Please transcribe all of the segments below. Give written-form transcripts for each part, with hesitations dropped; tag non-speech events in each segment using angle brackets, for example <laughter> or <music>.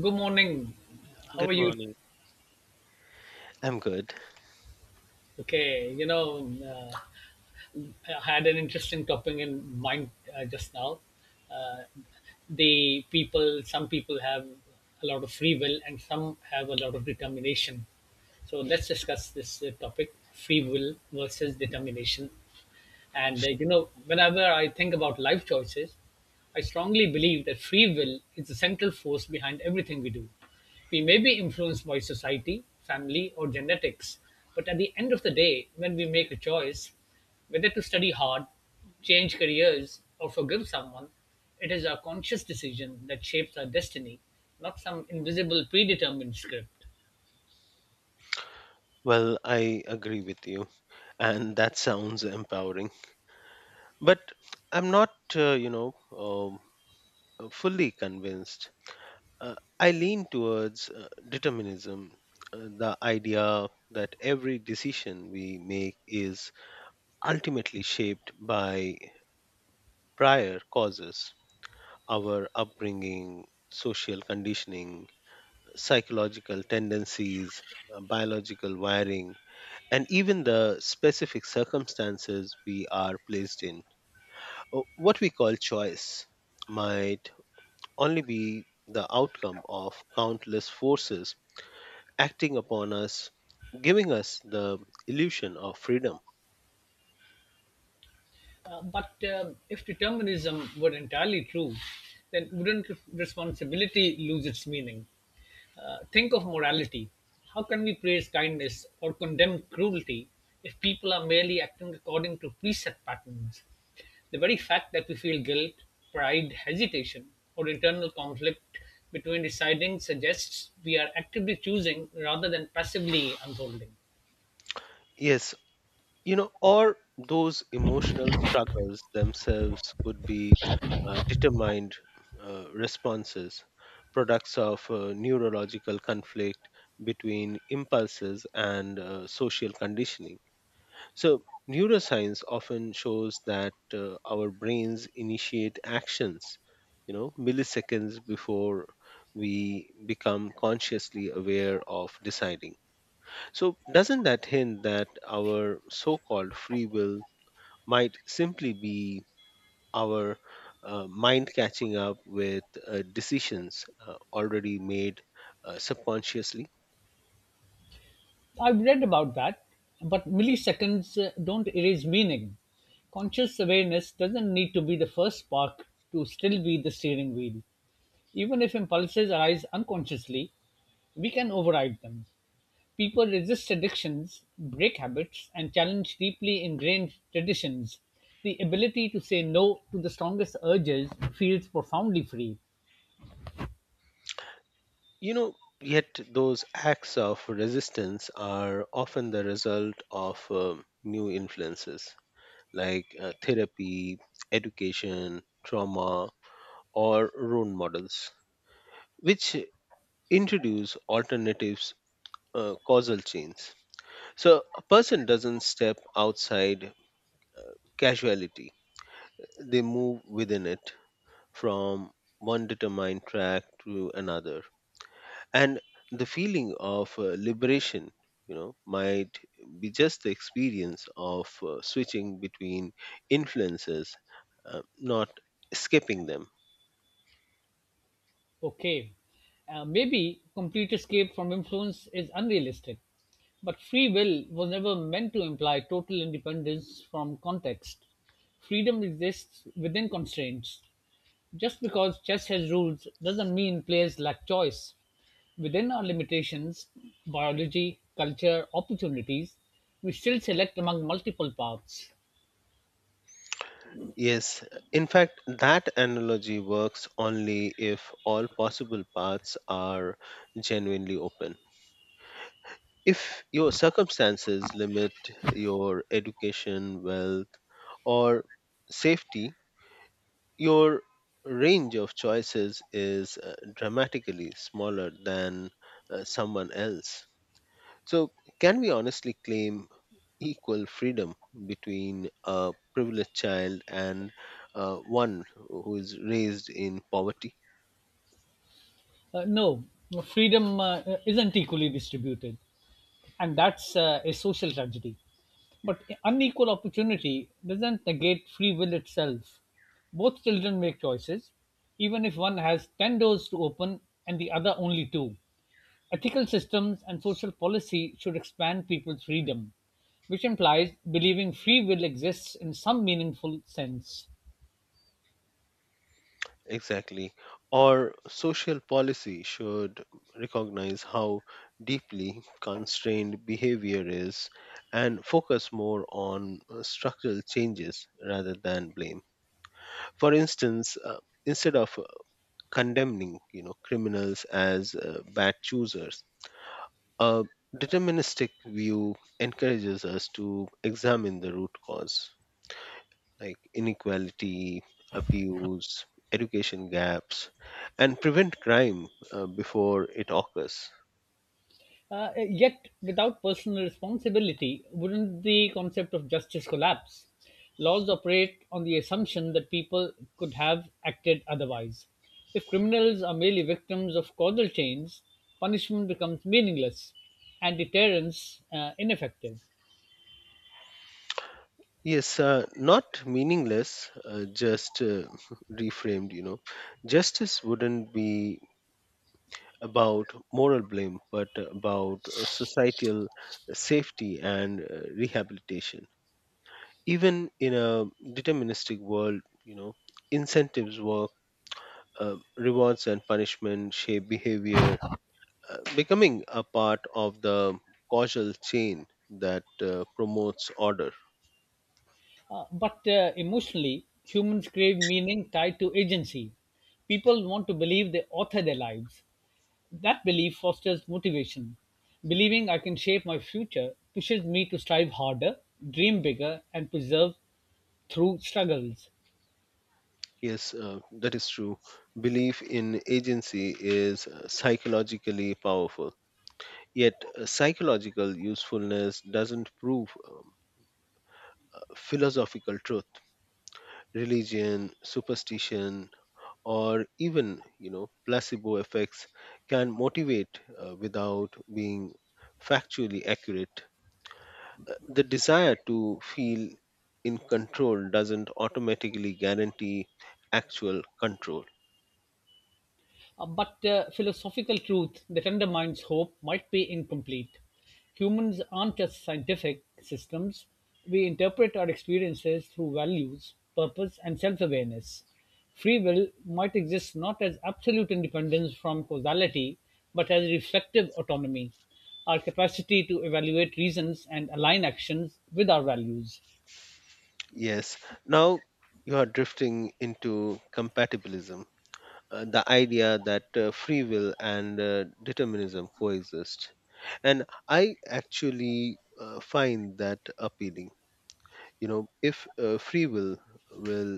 Good morning. How are Good you? morning. I'm good. Okay, you know, uh, I had an interesting topic in mind just now. Uh, the people, some people have a lot of free will and some have a lot of determination. So let's discuss this topic free will versus determination. And Sure. you know, whenever I think about life choices, I strongly believe that free will is the central force behind everything we do. We may be influenced by society, family, or genetics, but at the end of the day, when we make a choice, whether to study hard, change careers, or forgive someone, it is our conscious decision that shapes our destiny, not some invisible predetermined script. Well, I agree with you, and that sounds empowering. But I'm not, um, fully convinced. I lean towards determinism, the idea that every decision we make is ultimately shaped by prior causes, our upbringing, social conditioning, psychological tendencies, biological wiring and even the specific circumstances we are placed in. Uh, What we call choice might only be the outcome of countless forces acting upon us, giving us the illusion of freedom. But if determinism were entirely true, then wouldn't responsibility lose its meaning? Think of morality. How can we praise kindness or condemn cruelty if people are merely acting according to preset patterns? The very fact that we feel guilt, pride, hesitation, or internal conflict between deciding suggests we are actively choosing rather than passively unfolding. Yes, you know, or those emotional struggles themselves could be determined responses, products of neurological conflict between impulses and social conditioning. So, neuroscience often shows that our brains initiate actions, you know, milliseconds before we become consciously aware of deciding. So, doesn't that hint that our so called free will might simply be our mind catching up with decisions already made subconsciously? I've read about that, but milliseconds don't erase meaning. Conscious awareness doesn't need to be the first spark to still be the steering wheel. Even if impulses arise unconsciously, we can override them. People resist addictions, break habits, and challenge deeply ingrained traditions. The ability to say no to the strongest urges feels profoundly free. You know, yet those acts of resistance are often the result of new influences like therapy, education, trauma, or role models, which introduce alternatives, causal chains. So a person doesn't step outside uh, casuality, they move within it from one determined track to another. And the feeling of liberation you know might be just the experience of switching between influences, not skipping them. Okay, maybe complete escape from influence is unrealistic, but free will was never meant to imply total independence from context. Freedom exists within constraints. Just because chess has rules doesn't mean players lack choice. Within our limitations, biology, culture, opportunities, we still select among multiple paths. Yes, in fact that analogy works only if all possible paths are genuinely open. If your circumstances limit your education, wealth, or safety, your range of choices is dramatically smaller than someone else. So, can we honestly claim equal freedom between a privileged child and one who is raised in poverty? No, freedom isn't equally distributed, and that's a social tragedy. But unequal opportunity doesn't negate free will itself. Both children make choices, even if one has 10 doors to open and the other only two. Ethical systems and social policy should expand people's freedom, which implies believing free will exists in some meaningful sense. Exactly. Or social policy should recognize how deeply constrained behavior is and focus more on structural changes rather than blame. For instance, instead of condemning you know criminals as bad choosers, a deterministic view encourages us to examine the root cause, like inequality, abuse, education gaps, and prevent crime before it occurs. Yet, without personal responsibility, wouldn't the concept of justice collapse? Laws operate on the assumption that people could have acted otherwise. If criminals are merely victims of causal chains, punishment becomes meaningless and deterrence ineffective. Yes, not meaningless, just <laughs> reframed, you know. Justice wouldn't be about moral blame, but about societal safety and rehabilitation. Even in a deterministic world, you know, incentives work, rewards and punishment shape behavior, becoming a part of the causal chain that promotes order. But emotionally, humans crave meaning tied to agency. People want to believe they author their lives. That belief fosters motivation. Believing I can shape my future pushes me to strive harder, dream bigger, and persevere through struggles. Yes, that is true. Belief in agency is psychologically powerful, yet psychological usefulness doesn't prove philosophical truth, religion, superstition, or even you know placebo effects can motivate without being factually accurate. The desire to feel in control doesn't automatically guarantee actual control. But philosophical truth that undermines hope might be incomplete. Humans aren't just scientific systems, we interpret our experiences through values, purpose, and self awareness. Free will might exist not as absolute independence from causality, but as reflective autonomy, our capacity to evaluate reasons and align actions with our values. Yes, now you are drifting into compatibilism, the idea that free will and determinism coexist, and I actually find that appealing. You know, if free will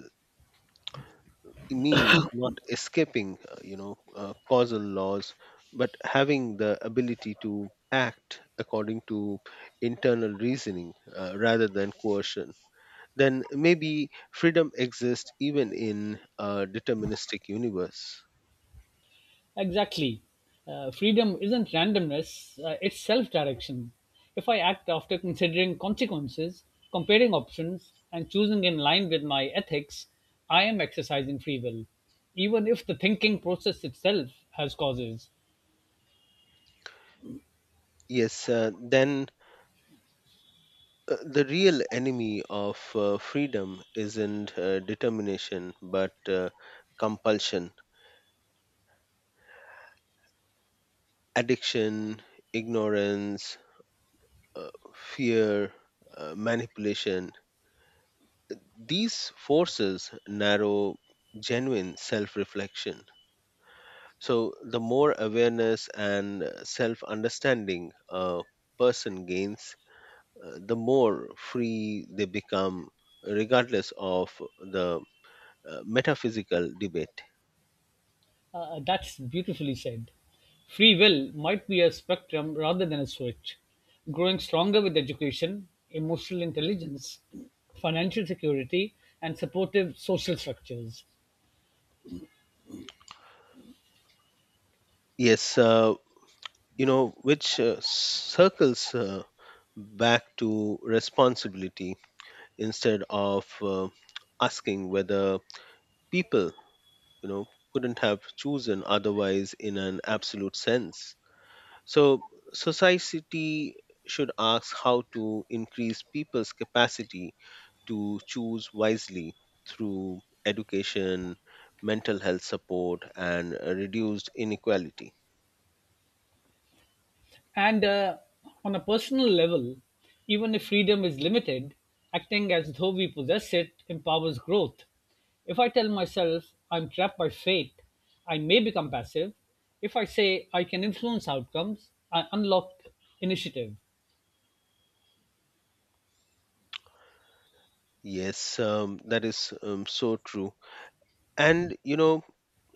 it means not escaping causal laws, but having the ability to act according to internal reasoning rather than coercion, then maybe freedom exists even in a deterministic universe. Exactly. Freedom isn't randomness, it's self direction. If I act after considering consequences, comparing options, and choosing in line with my ethics, I am exercising free will, even if the thinking process itself has causes. yes uh, then the real enemy of freedom isn't determination but compulsion, addiction, ignorance, uh, fear, manipulation. These forces narrow genuine self reflection. So the more awareness and self understanding a person gains, the more free they become, regardless of the metaphysical debate. That's beautifully said. Free will might be a spectrum rather than a switch, growing stronger with education, emotional intelligence, financial security, and supportive social structures. Yes, you know, which circles back to responsibility, instead of asking whether people, you know, couldn't have chosen otherwise in an absolute sense. So, society should ask how to increase people's capacity to choose wisely through education, mental health support, and reduced inequality. And on a personal level, even if freedom is limited, acting as though we possess it empowers growth. If I tell myself I'm trapped by fate, I may become passive. If I say I can influence outcomes, I unlock initiative. Yes, that is so true. And, you know,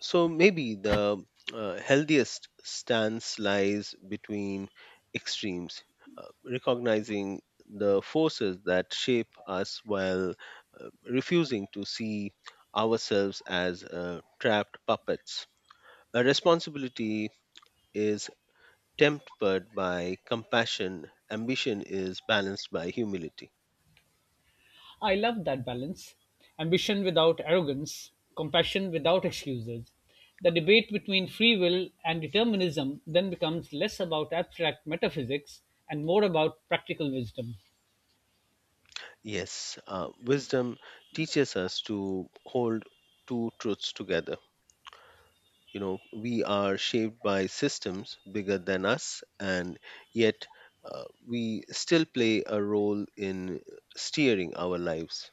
so maybe the healthiest stance lies between extremes, recognizing the forces that shape us while refusing to see ourselves as trapped puppets. A responsibility is tempered by compassion, ambition is balanced by humility. I love that balance ambition without arrogance, compassion without excuses. The debate between free will and determinism then becomes less about abstract metaphysics and more about practical wisdom. Yes, wisdom teaches us to hold two truths together. You know, we are shaped by systems bigger than us, and yet we still play a role in steering our lives.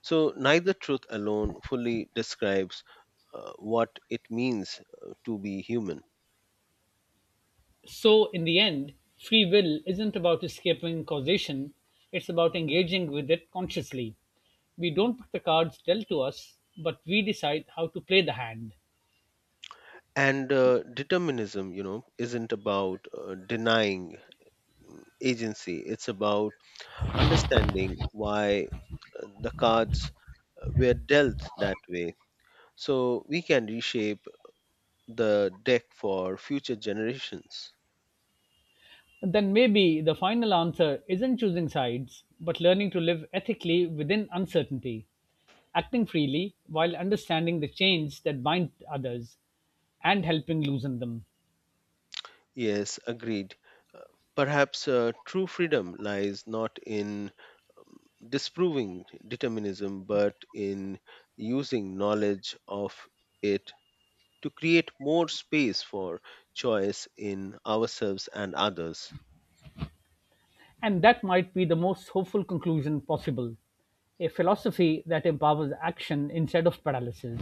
So, neither truth alone fully describes what it means to be human. So, in the end, free will isn't about escaping causation, it's about engaging with it consciously. We don't put the cards dealt to us, but we decide how to play the hand. And determinism, you know, isn't about denying agency, it's about understanding why the cards were dealt that way so we can reshape the deck for future generations. Then maybe the final answer isn't choosing sides, but learning to live ethically within uncertainty, acting freely while understanding the chains that bind others and helping loosen them. Yes, agreed. Uh, Perhaps true freedom lies not in disproving determinism, but in using knowledge of it to create more space for choice in ourselves and others. And that might be the most hopeful conclusion possible a philosophy that empowers action instead of paralysis.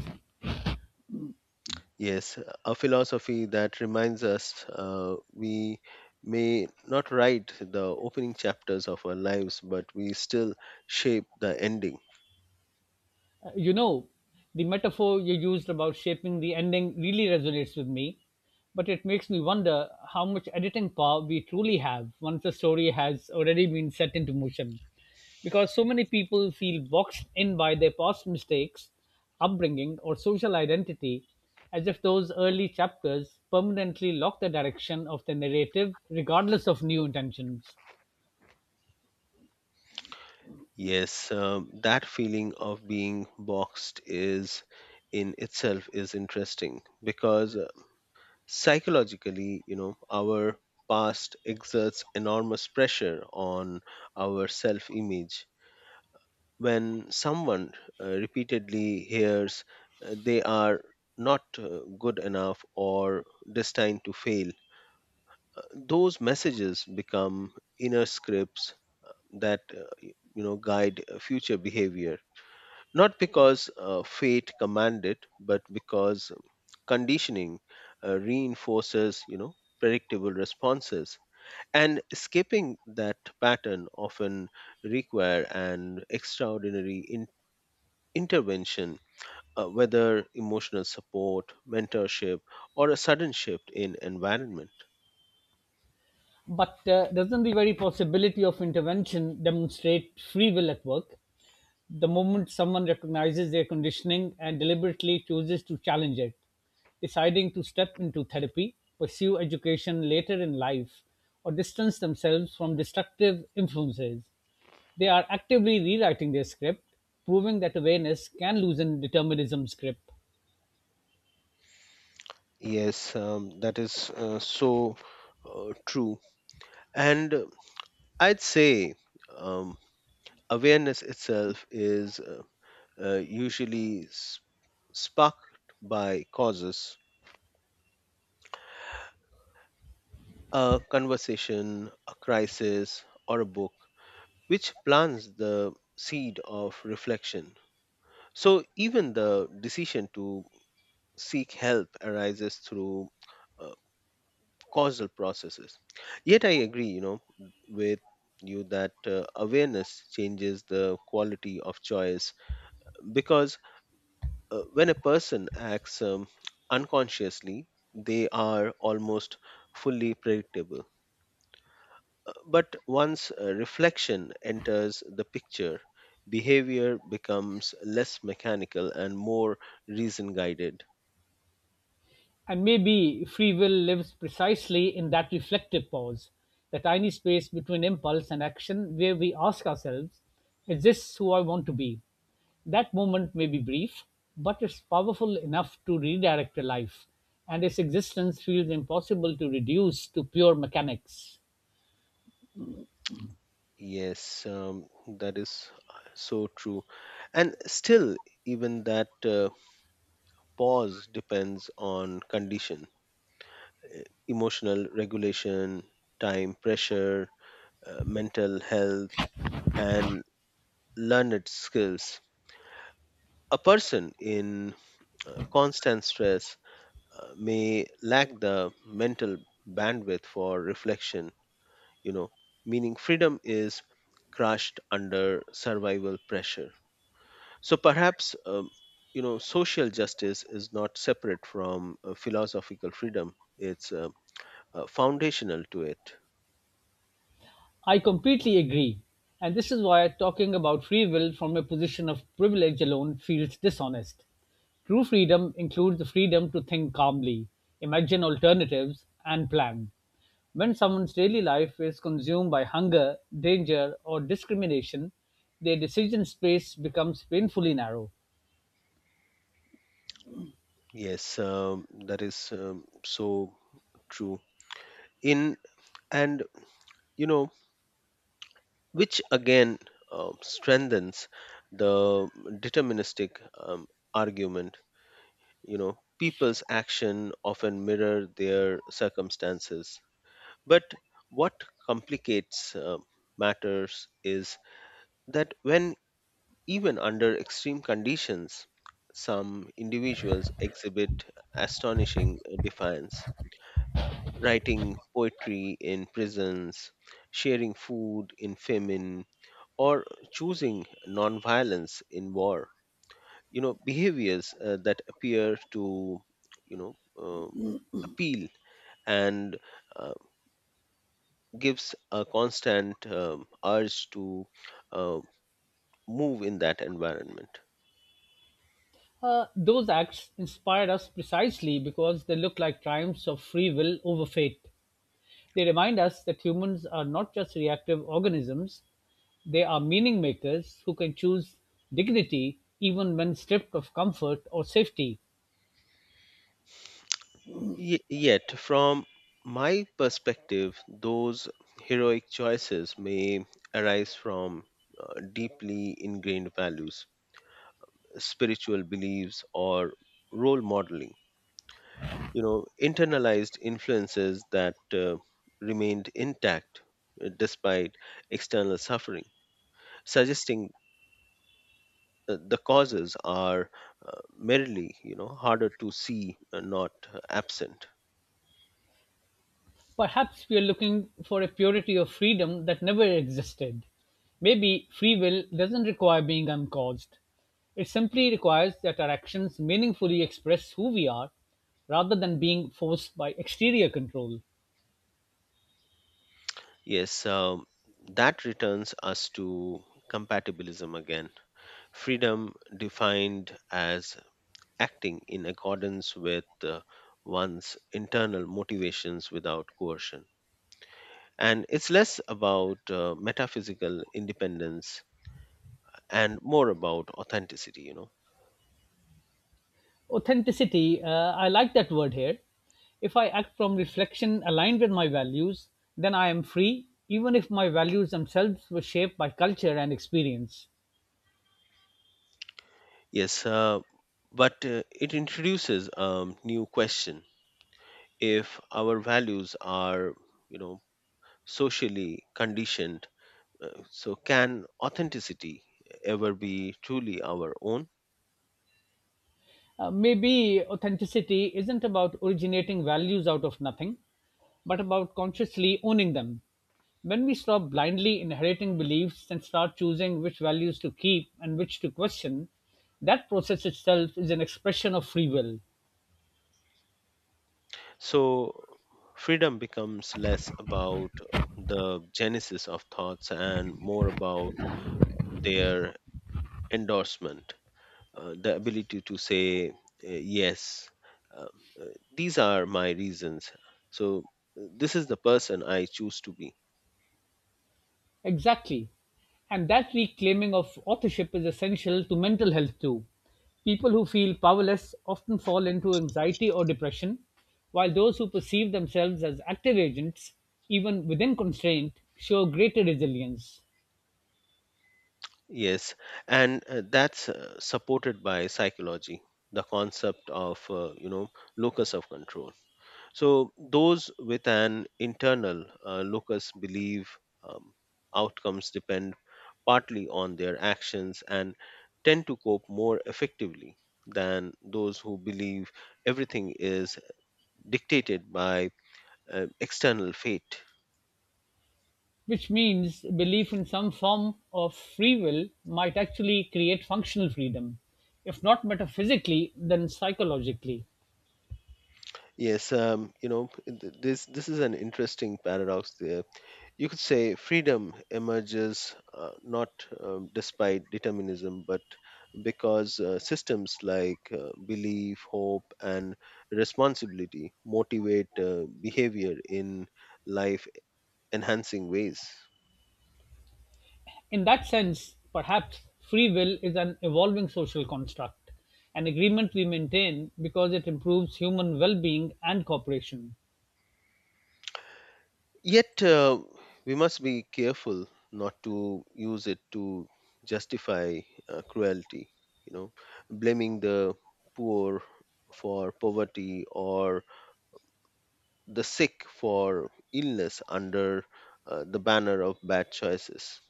Yes, a philosophy that reminds us we may not write the opening chapters of our lives, but we still shape the ending. You know, the metaphor you used about shaping the ending really resonates with me, but it makes me wonder how much editing power we truly have once the story has already been set into motion. Because so many people feel boxed in by their past mistakes, upbringing, or social identity, as if those early chapters permanently lock the direction of the narrative, regardless of new intentions. Yes, that feeling of being boxed is in itself is interesting because psychologically, you know, our past exerts enormous pressure on our self image. When someone repeatedly hears they are not good enough or destined to fail, those messages become inner scripts that you know guide future behavior, not because fate commanded but because conditioning reinforces you know predictable responses, and escaping that pattern often require an extraordinary intervention, whether emotional support, mentorship, or a sudden shift in environment. But doesn't the very possibility of intervention demonstrate free will at work? The moment someone recognizes their conditioning and deliberately chooses to challenge it, deciding to step into therapy, pursue education later in life, or distance themselves from destructive influences, they are actively rewriting their script, proving that awareness can loosen determinism's grip. Yes, that is so true. And I'd say um, awareness itself is usually sparked by causes, a conversation, a crisis, or a book, which plants the seed of reflection. So even the decision to seek help arises through uh, causal processes. Yet, I agree, you know, with you that awareness changes the quality of choice because when a person acts unconsciously, they are almost fully predictable. But once reflection enters the picture, behavior becomes less mechanical and more reason guided. And maybe free will lives precisely in that reflective pause, the tiny space between impulse and action where we ask ourselves, is this who I want to be? That moment may be brief, but it's powerful enough to redirect a life, and its existence feels impossible to reduce to pure mechanics. Yes, that is so true. And still, even that pause depends on condition, emotional regulation, time pressure, mental health, and learned skills. A person in constant stress may lack the mental bandwidth for reflection, you know, meaning freedom is crushed under survival pressure. So perhaps you know social justice is not separate from philosophical freedom. It's foundational to it. I completely agree. And this is why talking about free will from a position of privilege alone feels dishonest. True freedom includes the freedom to think calmly, imagine alternatives, and plan. When someone's daily life is consumed by hunger, danger, or discrimination, their decision space becomes painfully narrow. Yes, that is so true. In and You know, which again strengthens the deterministic argument. You know people's action often mirror their circumstances, but what complicates matters is that when even under extreme conditions, some individuals exhibit astonishing defiance, writing poetry in prisons, sharing food in famine, or choosing nonviolence in war. You know, behaviors that appear to, you know, uh, appeal and uh, gives a constant urge to uh, move in that environment. Those acts inspired us precisely because they look like triumphs of free will over fate. They remind us that humans are not just reactive organisms, they are meaning makers who can choose dignity even when stripped of comfort or safety. Yet, from my perspective, those heroic choices may arise from deeply ingrained values, spiritual beliefs, or role modeling. You know, internalized influences that remained intact despite external suffering, suggesting the causes are merely, you know, harder to see, not absent. Perhaps we are looking for a purity of freedom that never existed. Maybe free will doesn't require being uncaused. It simply requires that our actions meaningfully express who we are rather than being forced by exterior control. Yes, that returns us to compatibilism again. Freedom defined as acting in accordance with one's internal motivations without coercion. And it's less about metaphysical independence and more about authenticity, you know. Authenticity, I like that word here. If I act from reflection aligned with my values, then I am free, even if my values themselves were shaped by culture and experience. Yes, but it introduces a new question. If our values are, you know, socially conditioned, so, can authenticity ever be truly our own? Maybe authenticity isn't about originating values out of nothing, but about consciously owning them. When we stop blindly inheriting beliefs and start choosing which values to keep and which to question, that process itself is an expression of free will. So, freedom becomes less about the genesis of thoughts and more about their endorsement, the ability to say, yes, um, uh, these are my reasons. So, this is the person I choose to be. Exactly. And that reclaiming of authorship is essential to mental health too. People who feel powerless often fall into anxiety or depression, while those who perceive themselves as active agents, even within constraint, show greater resilience. Yes, and that's supported by psychology, the concept of, you know, locus of control. So, those with an internal locus believe outcomes depend partly on their actions and tend to cope more effectively than those who believe everything is dictated by external fate. Which means belief in some form of free will might actually create functional freedom, if not metaphysically, then psychologically. Yes, you know this is an interesting paradox there. You could say freedom emerges not despite determinism, but because systems like belief, hope, and responsibility motivate behavior in life enhancing ways. In that sense, perhaps, free will is an evolving social construct, an agreement we maintain because it improves human well being and cooperation. Yet, we must be careful not to use it to justify cruelty, you know, blaming the poor for poverty or the sick for illness under the banner of bad choices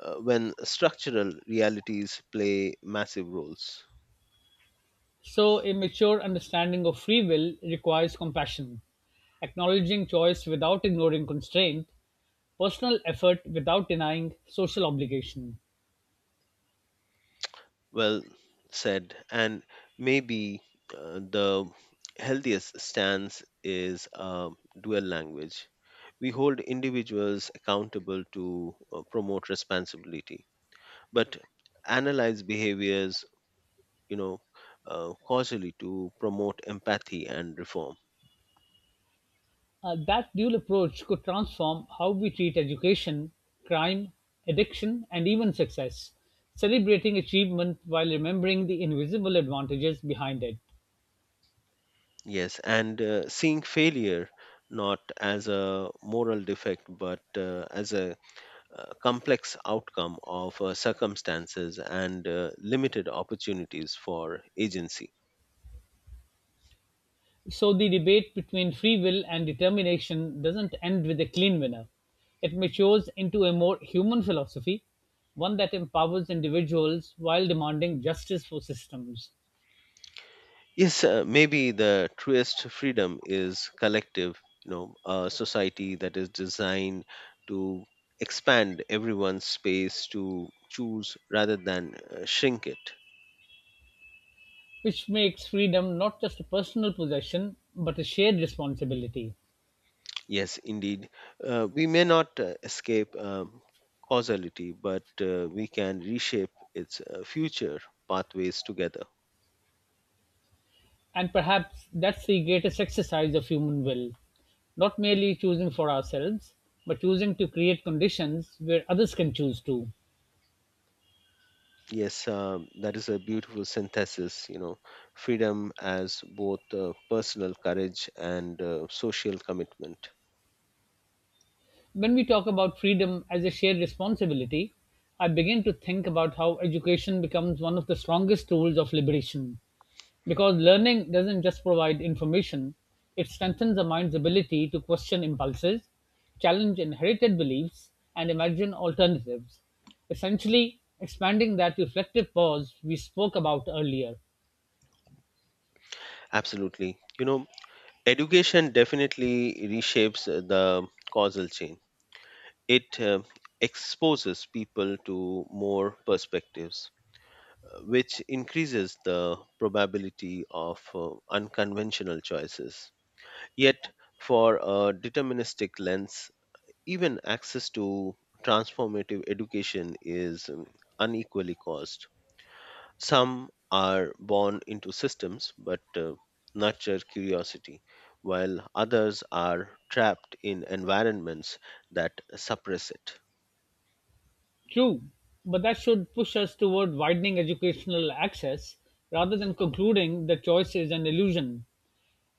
when structural realities play massive roles. So, a mature understanding of free will requires compassion, acknowledging choice without ignoring constraint, personal effort without denying social obligation. Well said. And maybe the healthiest stance is a dual language. We hold individuals accountable to promote responsibility, but analyze behaviors, you know, causally to promote empathy and reform. That dual approach could transform how we treat education, crime, addiction, and even success, celebrating achievement while remembering the invisible advantages behind it. Yes, and seeing failure not as a moral defect but as a complex outcome of circumstances and limited opportunities for agency. So the debate between free will and determination doesn't end with a clean winner. It matures into a more human philosophy, one that empowers individuals while demanding justice for systems, Yes, maybe the truest freedom is collective, you know, a society that is designed to expand everyone's space to choose rather than shrink it. which makes freedom not just a personal possession but a shared responsibility. Yes, indeed. We may not escape causality, but we can reshape its future pathways together. And perhaps that's the greatest exercise of human will not merely choosing for ourselves, but choosing to create conditions where others can choose too. Yes, that is a beautiful synthesis, you know, freedom as both personal courage and social commitment. When we talk about freedom as a shared responsibility, I begin to think about how education becomes one of the strongest tools of liberation. Because learning doesn't just provide information, it strengthens the mind's ability to question impulses, challenge inherited beliefs, and imagine alternatives, essentially expanding that reflective pause we spoke about earlier. Absolutely. You know, education definitely reshapes the causal chain, it exposes people to more perspectives which increases the probability of unconventional choices. Yet, for a deterministic lens, even access to transformative education is unequally caused. Some are born into systems but nurture curiosity, while others are trapped in environments that suppress it. True, but that should push us toward widening educational access rather than concluding that choice is an illusion.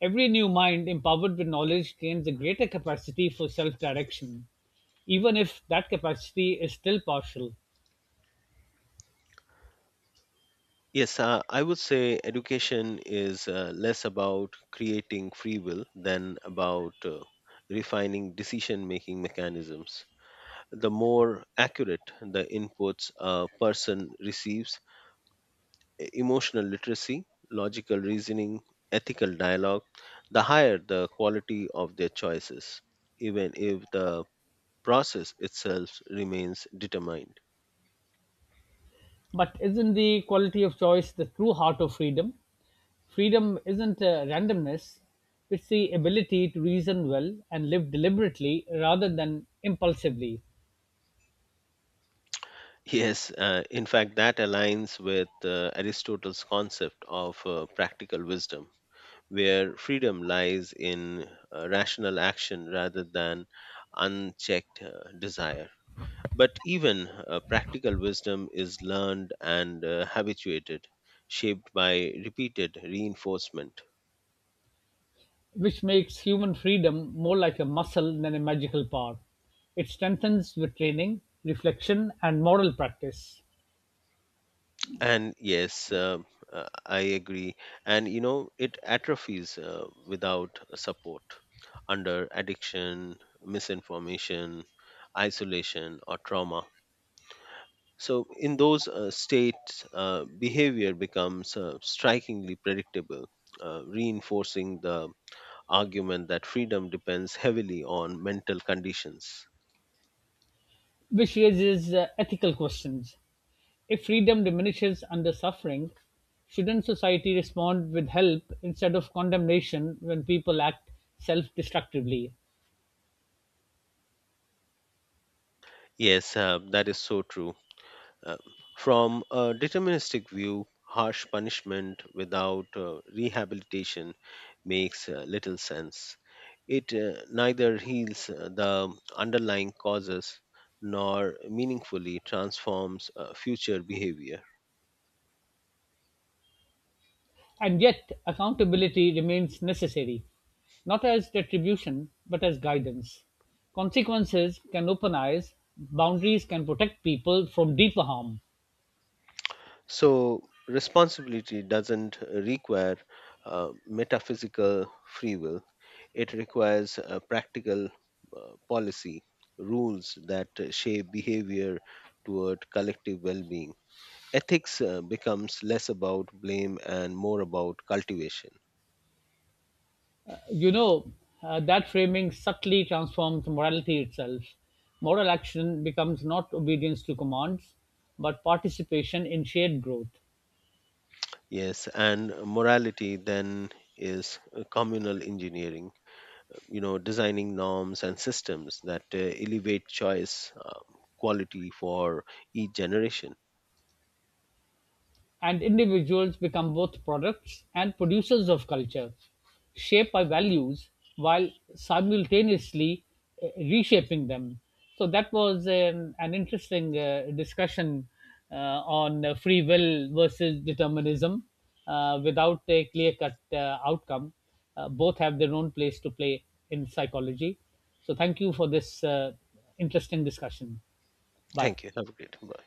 Every new mind empowered with knowledge gains a greater capacity for self direction, even if that capacity is still partial. Yes, I would say education is less about creating free will than about refining decision making mechanisms. The more accurate the inputs a person receives, emotional literacy, logical reasoning, ethical dialogue, the higher the quality of their choices, even if the process itself remains determined. But isn't the quality of choice the true heart of freedom? Freedom isn't randomness, it's the ability to reason well and live deliberately rather than impulsively, Yes, in fact, that aligns with Aristotle's concept of practical wisdom, where freedom lies in rational action rather than unchecked desire. But even practical wisdom is learned and habituated, shaped by repeated reinforcement. which makes human freedom more like a muscle than a magical power. It strengthens with training, reflection, and moral practice, And yes, I agree, and you know it atrophies without support under addiction, misinformation, isolation or trauma. So in those states behavior becomes strikingly predictable, reinforcing the argument that freedom depends heavily on mental conditions. which raises ethical questions If freedom diminishes under suffering, shouldn't society respond with help instead of condemnation when people act self destructively? Yes, that is so true. Uh, from a deterministic view, harsh punishment without rehabilitation makes little sense. It neither heals the underlying causes nor meaningfully transforms future behavior. And yet, accountability remains necessary, not as retribution, but as guidance. Consequences can open eyes, boundaries can protect people from deeper harm. So, responsibility doesn't require metaphysical free will, it requires practical policy, rules that shape behavior toward collective well being. Ethics becomes less about blame and more about cultivation. You know, that framing subtly transforms morality itself. Moral action becomes not obedience to commands, but participation in shared growth. Yes, and morality then is communal engineering, you know, designing norms and systems that elevate choice quality for each generation. And individuals become both products and producers of culture, shaped by values while simultaneously reshaping them. So that was an interesting discussion on free will versus determinism without a clear cut outcome. Both have their own place to play in psychology. So thank you for this interesting discussion. Bye. Thank you. Have a great day. Bye.